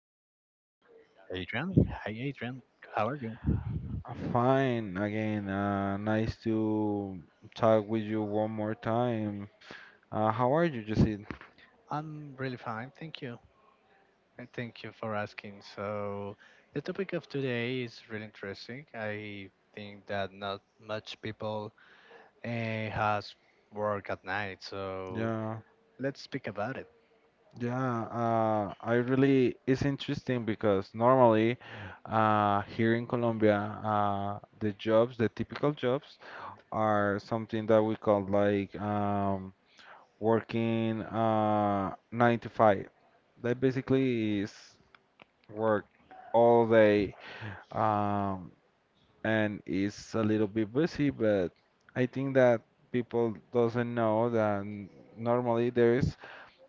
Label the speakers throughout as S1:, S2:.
S1: we are with Adrian. Hi Adrian, how are you?
S2: Fine. Again, nice to talk with you one more time. How are you, Jesse?
S1: I'm really fine, thank you. And thank you for asking. So the topic of today is really interesting. I think that not much people has work at night, so
S2: Yeah,
S1: let's speak about it.
S2: yeah. I really it's interesting because normally, here in Colombia, the jobs, the typical jobs, are something that we call like working nine to five. That basically is work all day. Um, and it's a little bit busy, but I think that people doesn't know that normally there is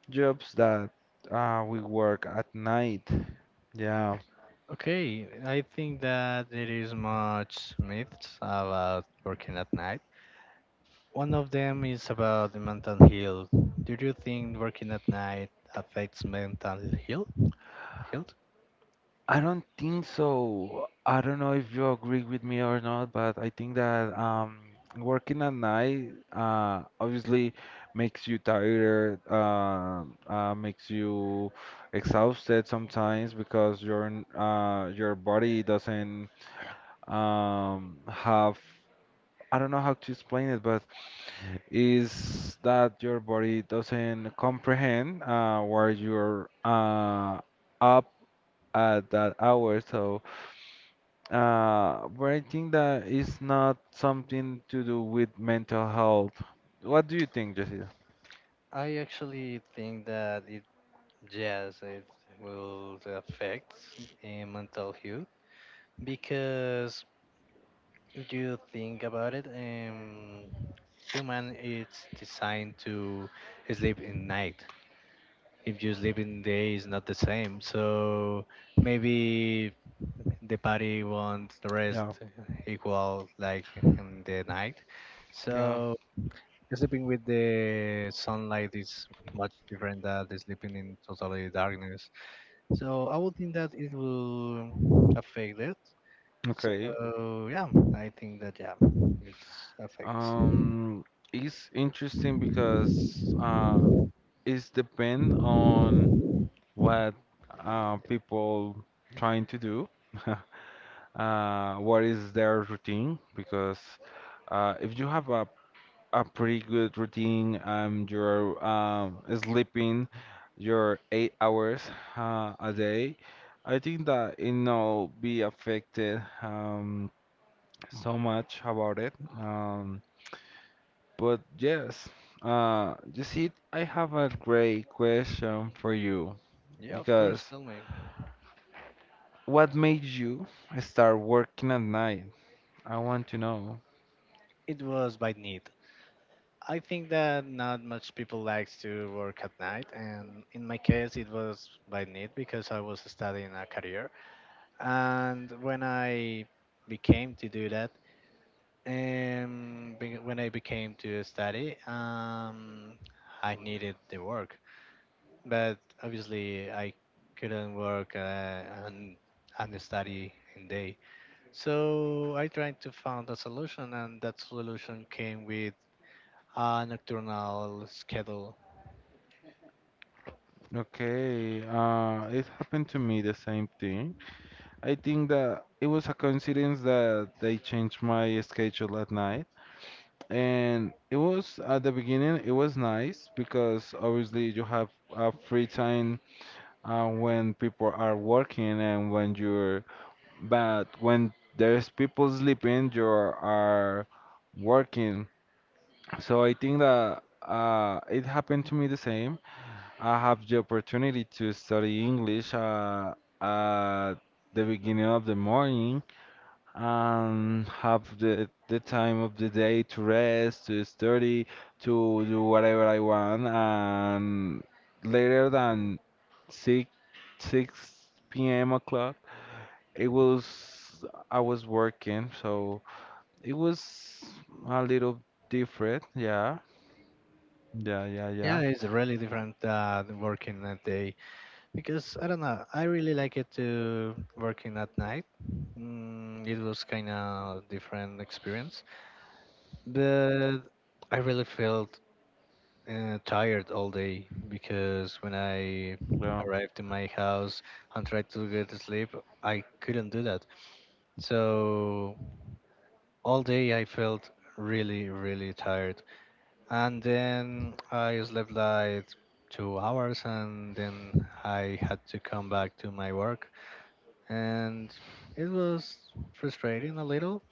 S2: jobs that we work at night. Yeah,
S1: Okay, I think that there is much myths about working at night. One of them is about the mental health. Do you think working at night affects mental health? Health?
S2: I don't think so. I don't know if you agree with me or not, but I think that working at night obviously makes you tired, makes you exhausted sometimes because your your body doesn't have I don't know how to explain it, but is that your body doesn't comprehend where you're up at that hour. So but I think that it's not something to do with mental health. What do you think, Jessica?
S1: I actually think that it, yes, it will affect mental health because if you think about it, human is designed to sleep in night. If you sleep in the day is not the same. So maybe the party wants the rest
S2: Yeah,
S1: equal like in the night.
S2: yeah,
S1: So sleeping with the sunlight is much different than the sleeping in totally darkness. So I would think that it will affect it.
S2: okay.
S1: So yeah, I think that yeah, it affects.
S2: Um, it's interesting because it's depend on. What people trying to do, what is their routine? Because if you have a pretty good routine, you're sleeping your 8 hours a day, I think that it no be affected so much about it. But yes, you see, I have a great question for you
S1: Yeah, of course.
S2: because
S1: Tell me,
S2: what made you start working at night? I want to know.
S1: it was by need. I think that not much people likes to work at night, and in my case, it was by need because I was studying a career. And when I became to do that, when I became to study, I needed the work. But obviously, I couldn't work and study in day. So I tried to find a solution, and that solution came with a nocturnal schedule.
S2: Okay, it happened to me the same thing. I think that it was a coincidence that they changed my schedule at night. And it was at the beginning, it was nice because obviously you have free time when people are working and when but when there's people sleeping, you are working. So I think that it happened to me the same. I have the opportunity to study English at the beginning of the morning and have the time of the day to rest, to study, to do whatever I want. And later than 6, 6 p.m. o'clock, it was I was working, so it was a little different, yeah. Yeah, yeah,
S1: Yeah,
S2: yeah.
S1: it's really different than working at day because I don't know. I really like it to working at night. It was kind of different experience, but I really felt tired all day because when I
S2: Yeah,
S1: arrived to my house and tried to get to sleep, I couldn't do that. So all day I felt really, really tired. And then I slept like 2 hours, and then I had to come back to my work, and it was frustrating a little.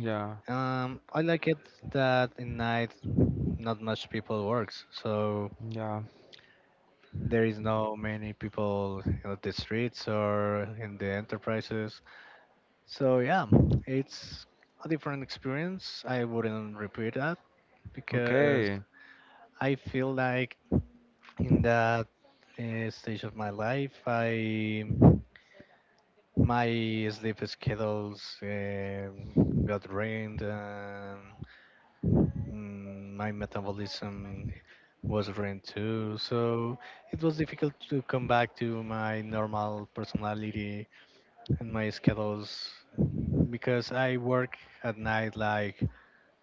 S2: yeah,
S1: I like it that in night not much people works, so
S2: yeah.
S1: there is no many people on the streets or in the enterprises. So yeah, it's a different experience. I wouldn't repeat that because
S2: Okay.
S1: I feel like in that stage of my life, I my sleep schedules got ruined. My metabolism was ruined too, so it was difficult to come back to my normal personality and my schedules because I work at night like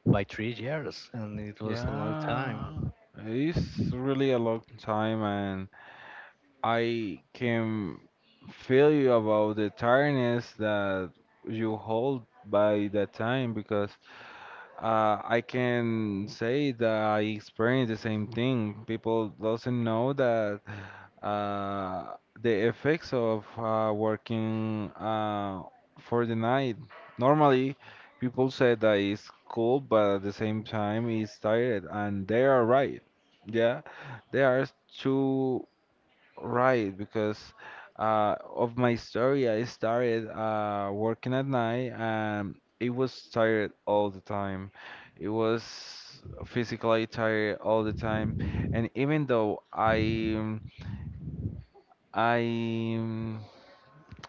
S1: by 3 years, and it was a long
S2: Yeah.
S1: time.
S2: It's really a long time and I can feel you about the tiredness that you hold by that time because I can say that I experienced the same thing. People doesn't know that the effects of working for the night. Normally, people say that it's cool, but at the same time, it's tired, and they are right. Yeah, they are too right because of my story. I started working at night, and it was tired all the time. It was physically tired all the time, and even though um, I um,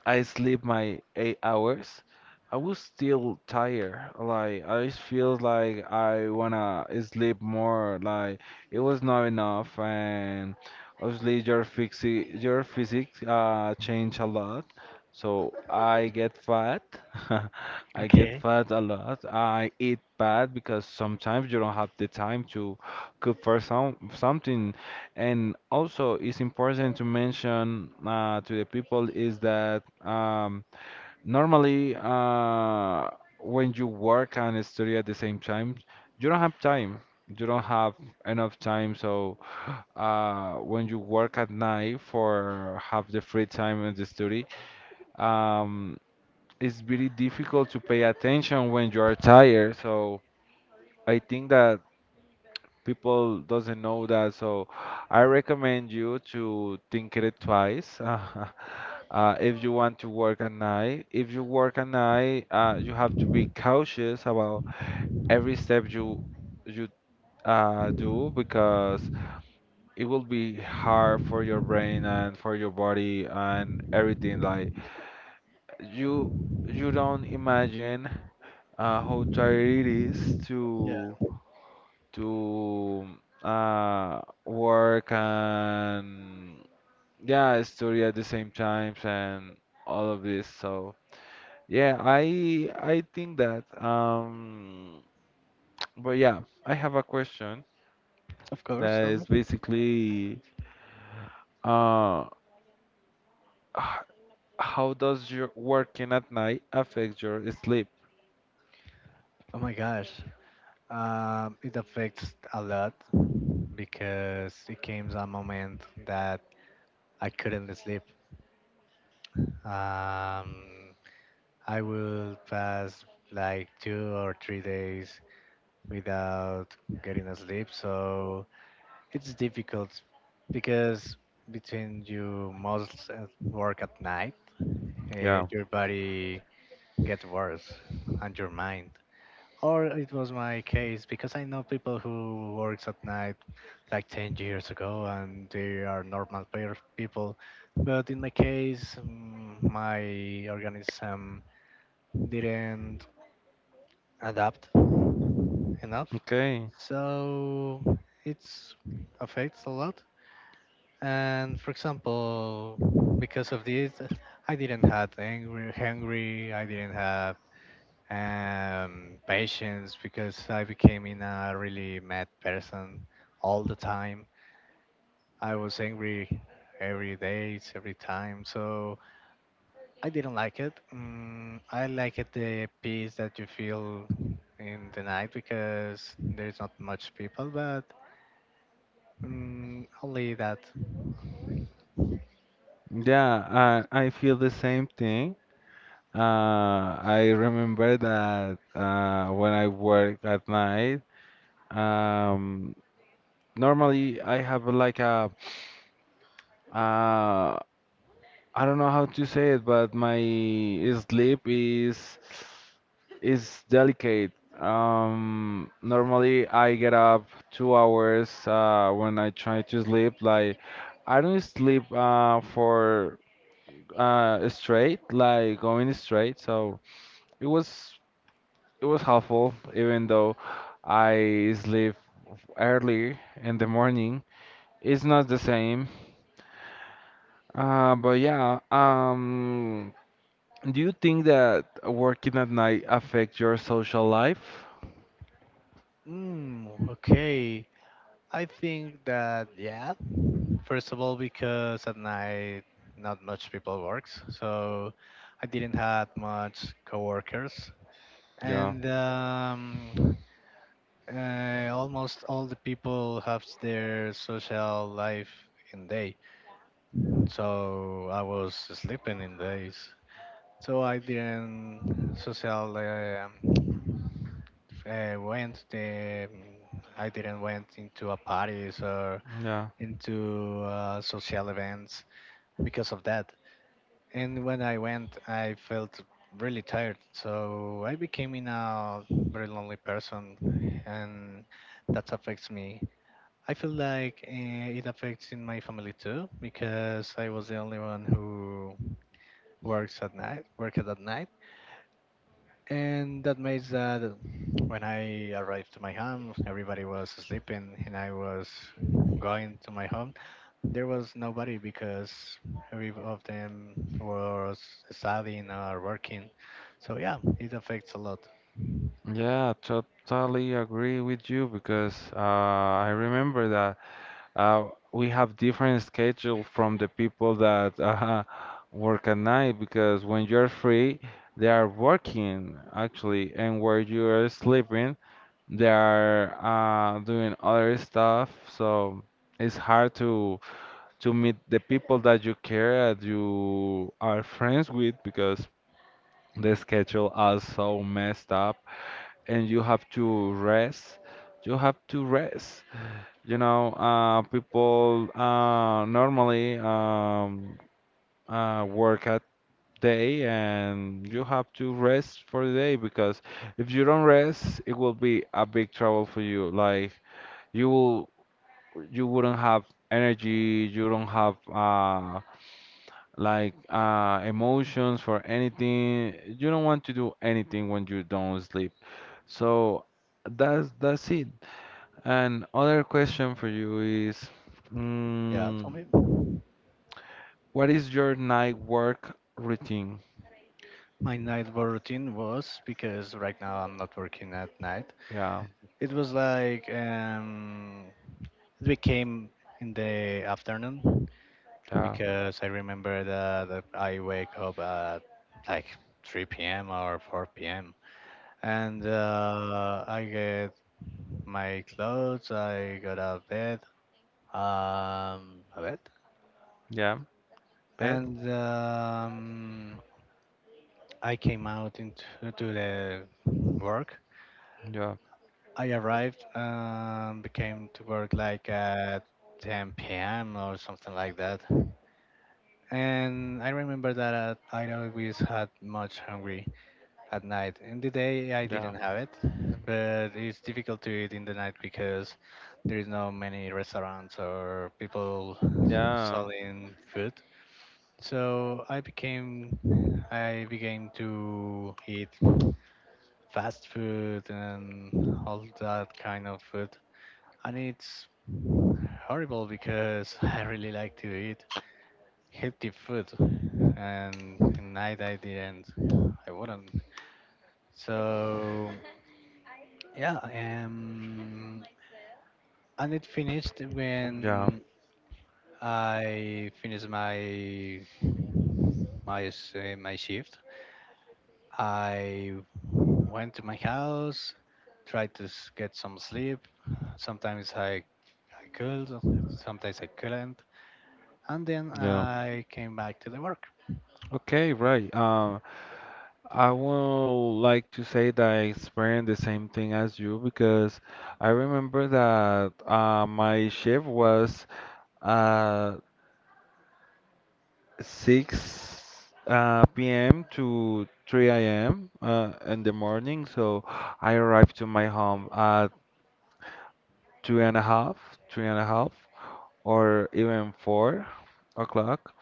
S2: I sleep my 8 hours. I was still tired. Like I just feel like I wanna sleep more. Like it was not enough, and obviously your physics change a lot. So I get fat. I get
S1: Okay.
S2: fat a lot. I eat bad because sometimes you don't have the time to cook for something. And also, it's important to mention to the people is that normally when you work and study at the same time, you don't have time. You don't have enough time. So when you work at night for have the free time and the study, um, it's very difficult to pay attention when you are tired. So I think that people doesn't know that so I recommend you to think it twice if you want to work at night if you work at night you have to be cautious about every step you do because it will be hard for your brain and for your body and everything like you you don't imagine how tired it is
S1: Yeah,
S2: to to work and yeah, study at the same times and all of this. So yeah, I think that but yeah, I have a question
S1: of course.
S2: that
S1: Tell me.
S2: is basically uh, h- how does your working at night affect your sleep?
S1: Oh my gosh, it affects a lot because it came a moment that I couldn't sleep. Um, I will pass like 2 or 3 days without getting a sleep, so it's difficult because between you most work at night,
S2: Yeah.
S1: your body gets worse and your mind. Or it was my case because I know people who works at night like 10 years ago and they are normal pair of people, but in my case, my organism didn't adapt enough,
S2: Okay.
S1: so it affects a lot. And for example, because of this, I didn't have angry hungry, I didn't have patience because I became in a really mad person all the time. I was angry every day, every time. So I didn't like it. I like it the peace that you feel in the night because there's not much people, but only that.
S2: Yeah, I feel the same thing. I remember that when I work at night, um, normally I have like uh, I don't know how to say it, but my sleep is delicate. Normally I get up 2 hours when I try to sleep. Like I don't sleep for straight, like going straight. So it was. It was helpful, even though I sleep early in the morning. It's not the same. But do you think that working at night affect your social life?
S1: Mm, okay. I think that yeah, first of all, because at night not much people works, so I didn't had much coworkers,
S2: Yeah,
S1: and almost all the people have their social life in day. So I was sleeping in days. So I didn't social, went the, I didn't went into a parties or
S2: yeah,
S1: into social events because of that. And when I went, I felt really tired. So I became in a very lonely person, and that affects me. I feel like it affects in my family too because I was the only one who works at night, worked at night, and that makes that when I arrived to my home, everybody was sleeping, and I was going to my home there was nobody because every of them was studying or working. So yeah, it affects a lot.
S2: yeah, totally agree with you because I remember that. We have different schedule from the people that work at night because when you're free, they are working actually, and where you're sleeping, they are doing other stuff. So it's hard to meet the people that you care that you are friends with because the schedule is so messed up, and you have to rest. You have to rest. You know, people normally work at day and you have to rest for the day because if you don't rest, it will be a big trouble for you. Like you will, you wouldn't have energy, you don't have emotions for anything. You don't want to do anything when you don't sleep. So that's it. And other question for you is.
S1: Yeah, tell
S2: Mm,
S1: me.
S2: what is your night work routine?
S1: My night work routine was because right now I'm not working at night.
S2: Yeah,
S1: It was like it became in the afternoon
S2: yeah,
S1: because I remember that I wake up at like 3 p.m. or 4 p.m. and I get my clothes, I got out of bed, a bit,
S2: yeah. Bed?
S1: and I came out into to the work.
S2: Yeah,
S1: I arrived, became to work like at 10 p.m. or something like that. And I remember that I always had much hungry at night. In the day, I
S2: yeah,
S1: didn't have it, but it's difficult to eat in the night because there is no many restaurants or people
S2: yeah,
S1: selling food. So I began to eat fast food and all that kind of food. And it's horrible because I really like to eat healthy food and at night I didn't. I wouldn't. So yeah, and it finished
S2: yeah,
S1: when I finished my shift. I went to my house, tried to get some sleep. Sometimes I could, sometimes I couldn't. And then
S2: yeah.
S1: I came back to the work.
S2: Okay, right. I will like to say that I experienced the same thing as you because I remember that my shift was uh, 6 p.m. to 3 a.m. In the morning, so I arrived to my home at two and a half, three and a half. Or even 4 o'clock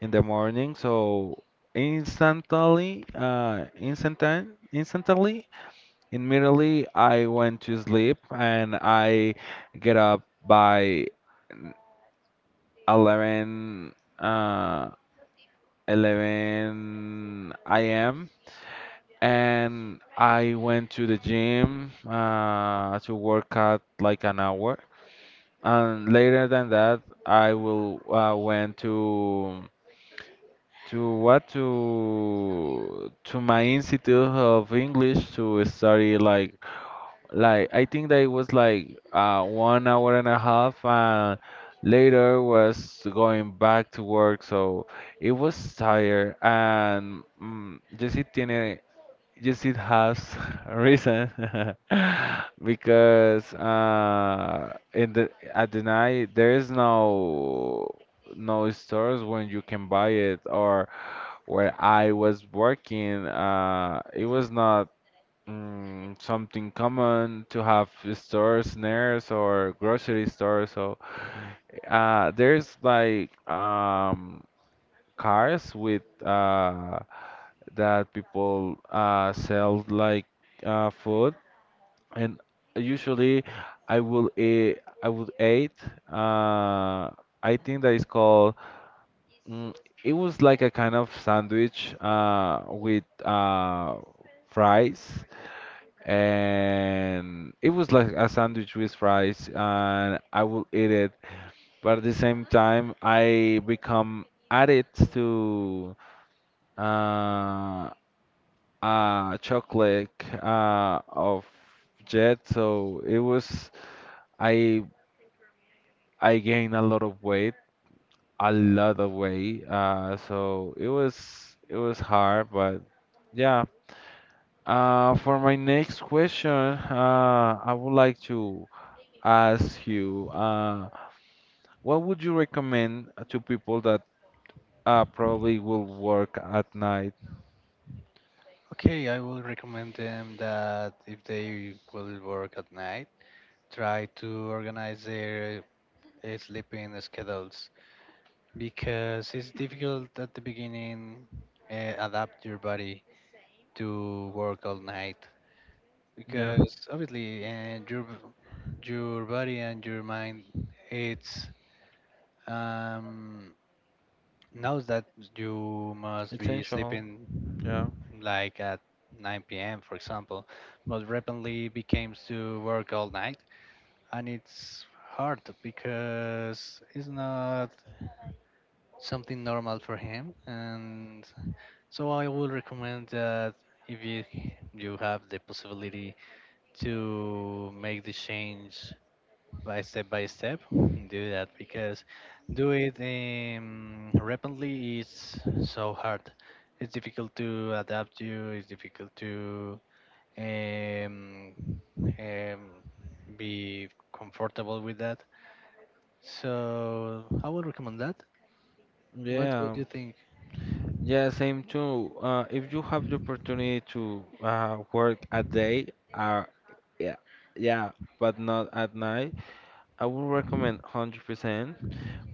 S2: in the morning. So instantly, instantan instantly, immediately I went to sleep and I get up by 11, uh, 11 a.m. And I went to the gym to work out like an hour. And later than that, I will went to what to my institute of English to study like I think that it was like 1 hour and a half and later was going back to work so it was tired and mm, yes it tiene yes it has a reason because in the at the night there is no stores when you can buy it or where I was working, it was not something common to have stores near us or grocery stores. So there's like cars with that people sell like food, and usually I would eat. Uh, I think that is called mm, it was like a kind of sandwich with fries, and it was like a sandwich with fries, and I will eat it. But at the same time, I become addict to uh, chocolate of Jet, so it was I I gained a lot of weight a lot of weight. So it was hard, but yeah. For my next question, I would like to ask you, what would you recommend to people that probably will work at night?
S1: Okay, I will recommend them that if they will work at night, try to organize their sleeping schedules because it's difficult at the beginning adapt your body to work all night
S2: Yeah,
S1: because obviously your body and your mind it's um knows that you must be
S2: essential.
S1: sleeping
S2: Yeah.
S1: like at 9 p.m. for example, but rapidly becomes to work all night, and it's hard because it's not something normal for him. And so I would recommend that if you have the possibility to make the change by step by step, do that because do it rapidly is so hard. It's difficult to adapt you, it's difficult to um, um, be comfortable with that. So I would recommend that. What would
S2: Yeah,
S1: you think?
S2: yeah, same too. If you have the opportunity to work a day, uh, yeah, yeah, but not at night, I would recommend 100%.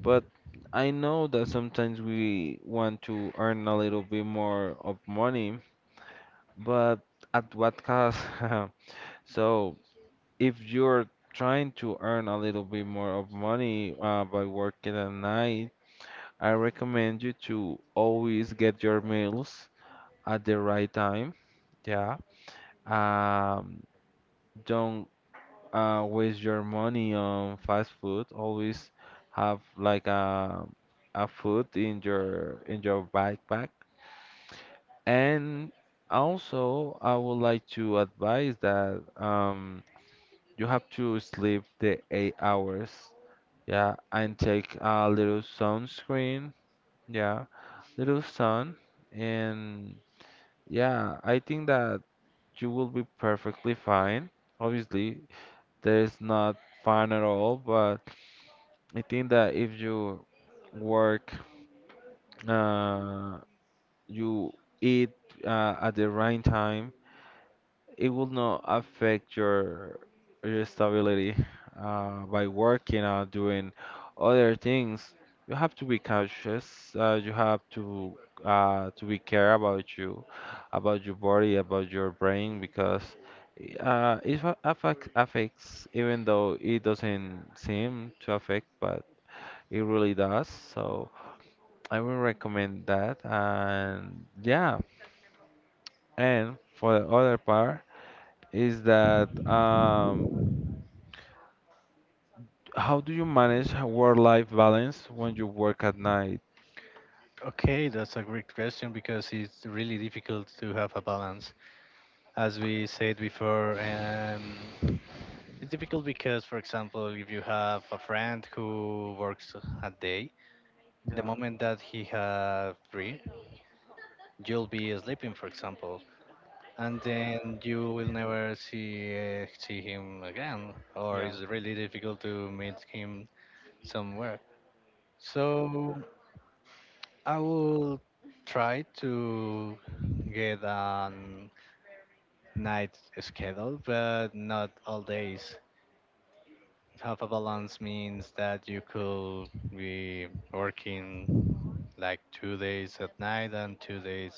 S2: But I know that sometimes we want to earn a little bit more of money, but at what cost? So if you're trying to earn a little bit more of money by working at night, I recommend you to always get your meals at the right time. Yeah. Um, don't waste your money on fast food. Always have like a food in your backpack. And also, I would like to advise that you have to sleep the 8 hours, yeah, and take a little sunscreen, yeah, little sun, and yeah, I think that you will be perfectly fine. Obviously, there is not fine at all, but I think that if you work, uh, you eat at the right time it will not affect your stability by working or doing other things. You have to be cautious. You have to be care about you, about your body, about your brain, because affects affects even though it doesn't seem to affect, but it really does. So I will recommend that. And yeah, and for the other part is that how do you manage a work-life balance when you work at night?
S1: Okay, that's a great question because it's really difficult to have a balance as we said before. It's difficult because, for example, if you have a friend who works a day, the
S2: Yeah,
S1: moment that he has free, you'll be sleeping, for example, and then you will never see him again, or
S2: yeah,
S1: it's really difficult to meet him somewhere. So I will try to get a night schedule, but not all days. Half a balance means that you could be working like 2 days at night and 2 days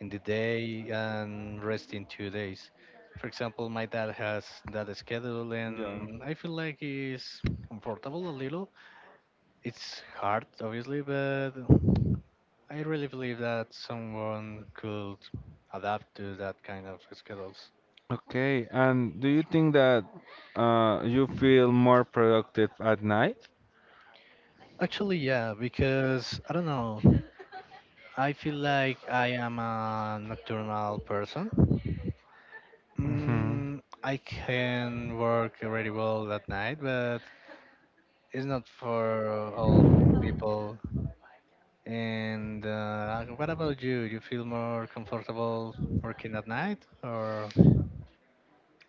S1: in the day and resting 2 days. For example, my dad has that schedule
S2: yeah.
S1: and I feel like it's comfortable a little. It's hard, obviously, but I really believe that someone could adapt to that kind of schedules.
S2: Okay, and do you think that you feel more productive at night?
S1: Actually, yeah, because I don't know. I feel like I am a nocturnal person.
S2: Hmm.
S1: I can work really well at night, but it's not for all people. And what about you? You feel more comfortable working at night, or?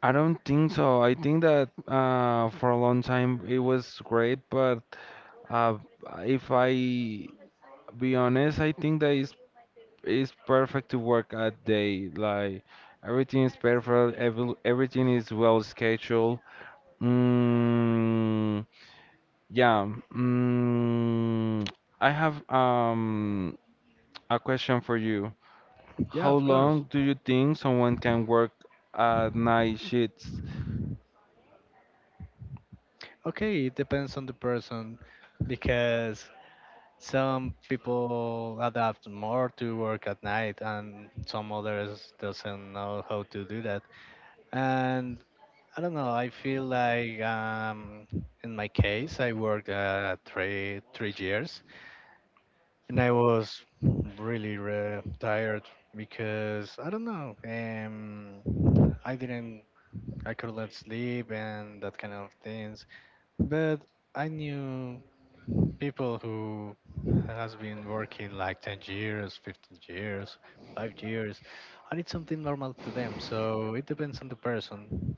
S2: I don't think so. I think that for a long time it was great, but uh, if I be honest, I think that it's perfect to work at day. Like everything is perfect, everything is well scheduled. Mm, yeah. I have a question for you.
S1: Yeah,
S2: How
S1: of course.
S2: long do you think someone can work at night shifts?
S1: Okay, it depends on the person because some people adapt more to work at night and some others doesn't know how to do that. And I don't know. I feel like in my case, I worked three years, and I was really tired because I don't know. I didn't. I couldn't sleep and that kind of things. But I knew people who has been working like 10 years, 15 years, 5 years, and it's something normal to them. So it depends on the person.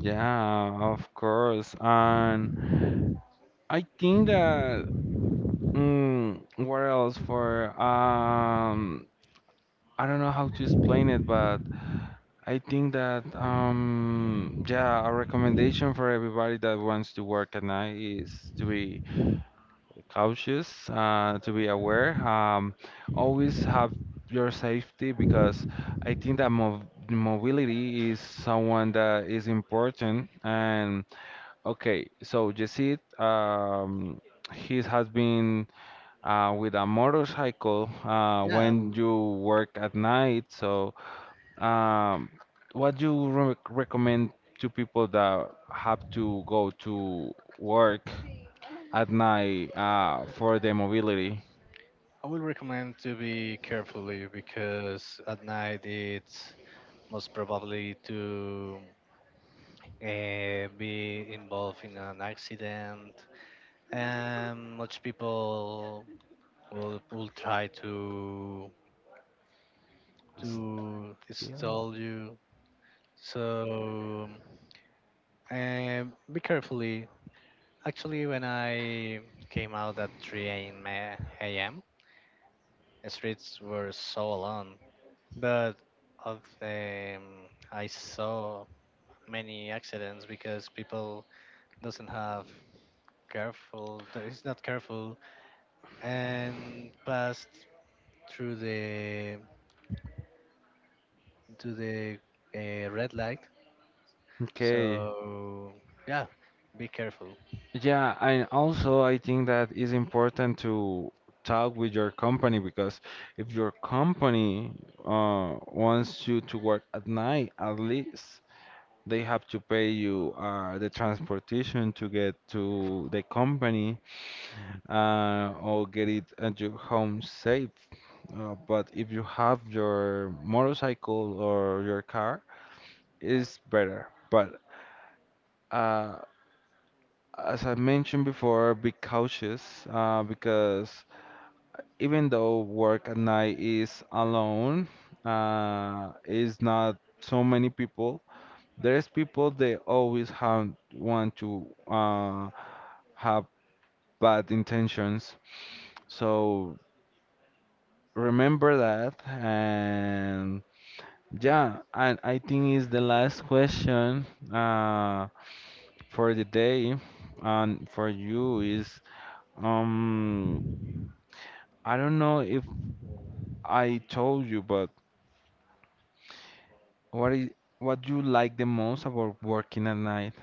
S2: Yeah, of course. And I think that mm, what else for I don't know how to explain it, but I think that yeah, a recommendation for everybody that wants to work at night is to be cautious, to be aware. Always have your safety because I think that mov mobility is someone that is important. And okay, so Jesse, he has been with a motorcycle
S1: Yeah,
S2: when you work at night. So, um, what you re recommend to people that have to go to work at night for their mobility?
S1: I will recommend to be carefully because at night it's most probably to be involved in an accident, and much people will try to
S2: Still.
S1: stall you. So be carefully. Actually, when I came out at 3 a.m., 3 a.m., the streets were so alone. But of I saw many accidents because people doesn't have careful, that is not careful, and passed through the to the red light.
S2: Okay.
S1: So yeah, be careful.
S2: Yeah, and also I think that is important to talk with your company because if your company wants you to work at night, at least they have to pay you the transportation to get to the company or get it at your home safe. But if you have your motorcycle or your car, it's better. But uh, As I mentioned before, be cautious because even though work at night is alone, is not so many people. There's people they always have want to have bad intentions. So remember that and yeah, and I think is the last question uh, for the day and for you is um. I don't know if I told you, but what is what you like the most about working at night?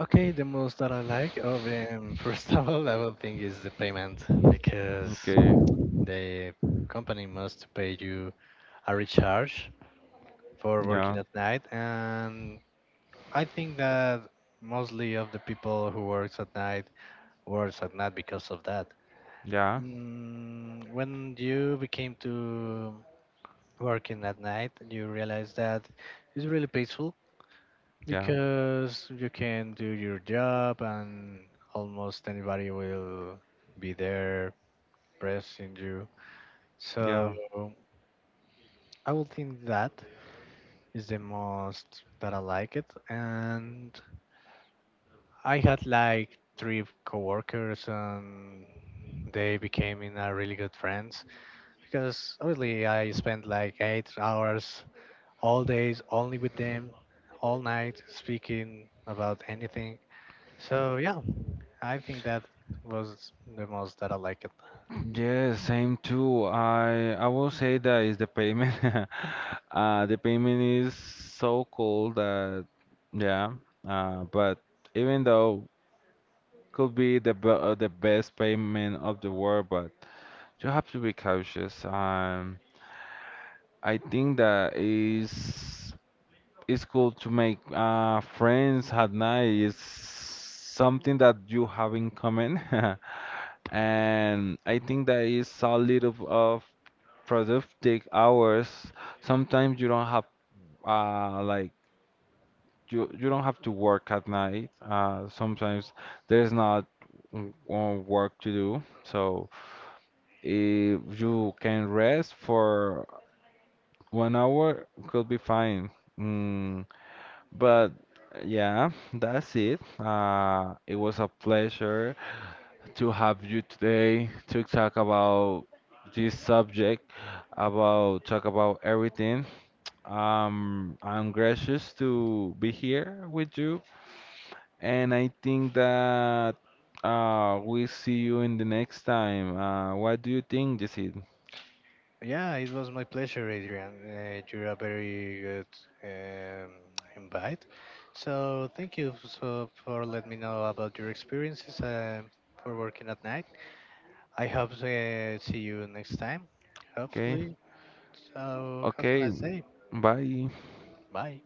S1: Okay, the most that I like of first of all, I will think is the payment because
S2: Okay.
S1: the company must pay you a recharge for working
S2: Yeah.
S1: at night, and I think that mostly of the people who works at night because of that.
S2: Yeah.
S1: When you became to working at night, you realize that it's really peaceful
S2: Yeah.
S1: because you can do your job and almost anybody will be there pressing you. So
S2: Yeah.
S1: I will think that is the most that I like it, and I had like three coworkers, and they became in a really good friends because obviously I spent like 8 hours all days only with them, all night speaking about anything. So yeah, I think that was the most that I liked.
S2: Yeah, same too. I will say that is the payment. The payment is so cool that yeah. But even though could be the best payment of the world, but you have to be cautious. I think that is. It's cool to make friends at night. It's something that you have in common, and I think that is a little of productive hours. Sometimes you don't have uh, like you you don't have to work at night. Sometimes there's not work to do, so if you can rest for 1 hour, could be fine. Mm, but yeah, that's it. It was a pleasure to have you today to talk about this subject, about talk about everything. I'm gracious to be here with you, and I think that we see you in the next time. What do you think, Jesse?
S1: Yeah, it was my pleasure, Adrian. You're a very good um, invite. So thank you so for letting me know about your experiences and for working at night. I hope to see you next time,
S2: Okay,
S1: hopefully. So have a
S2: okay,
S1: nice day.
S2: bye.
S1: Bye.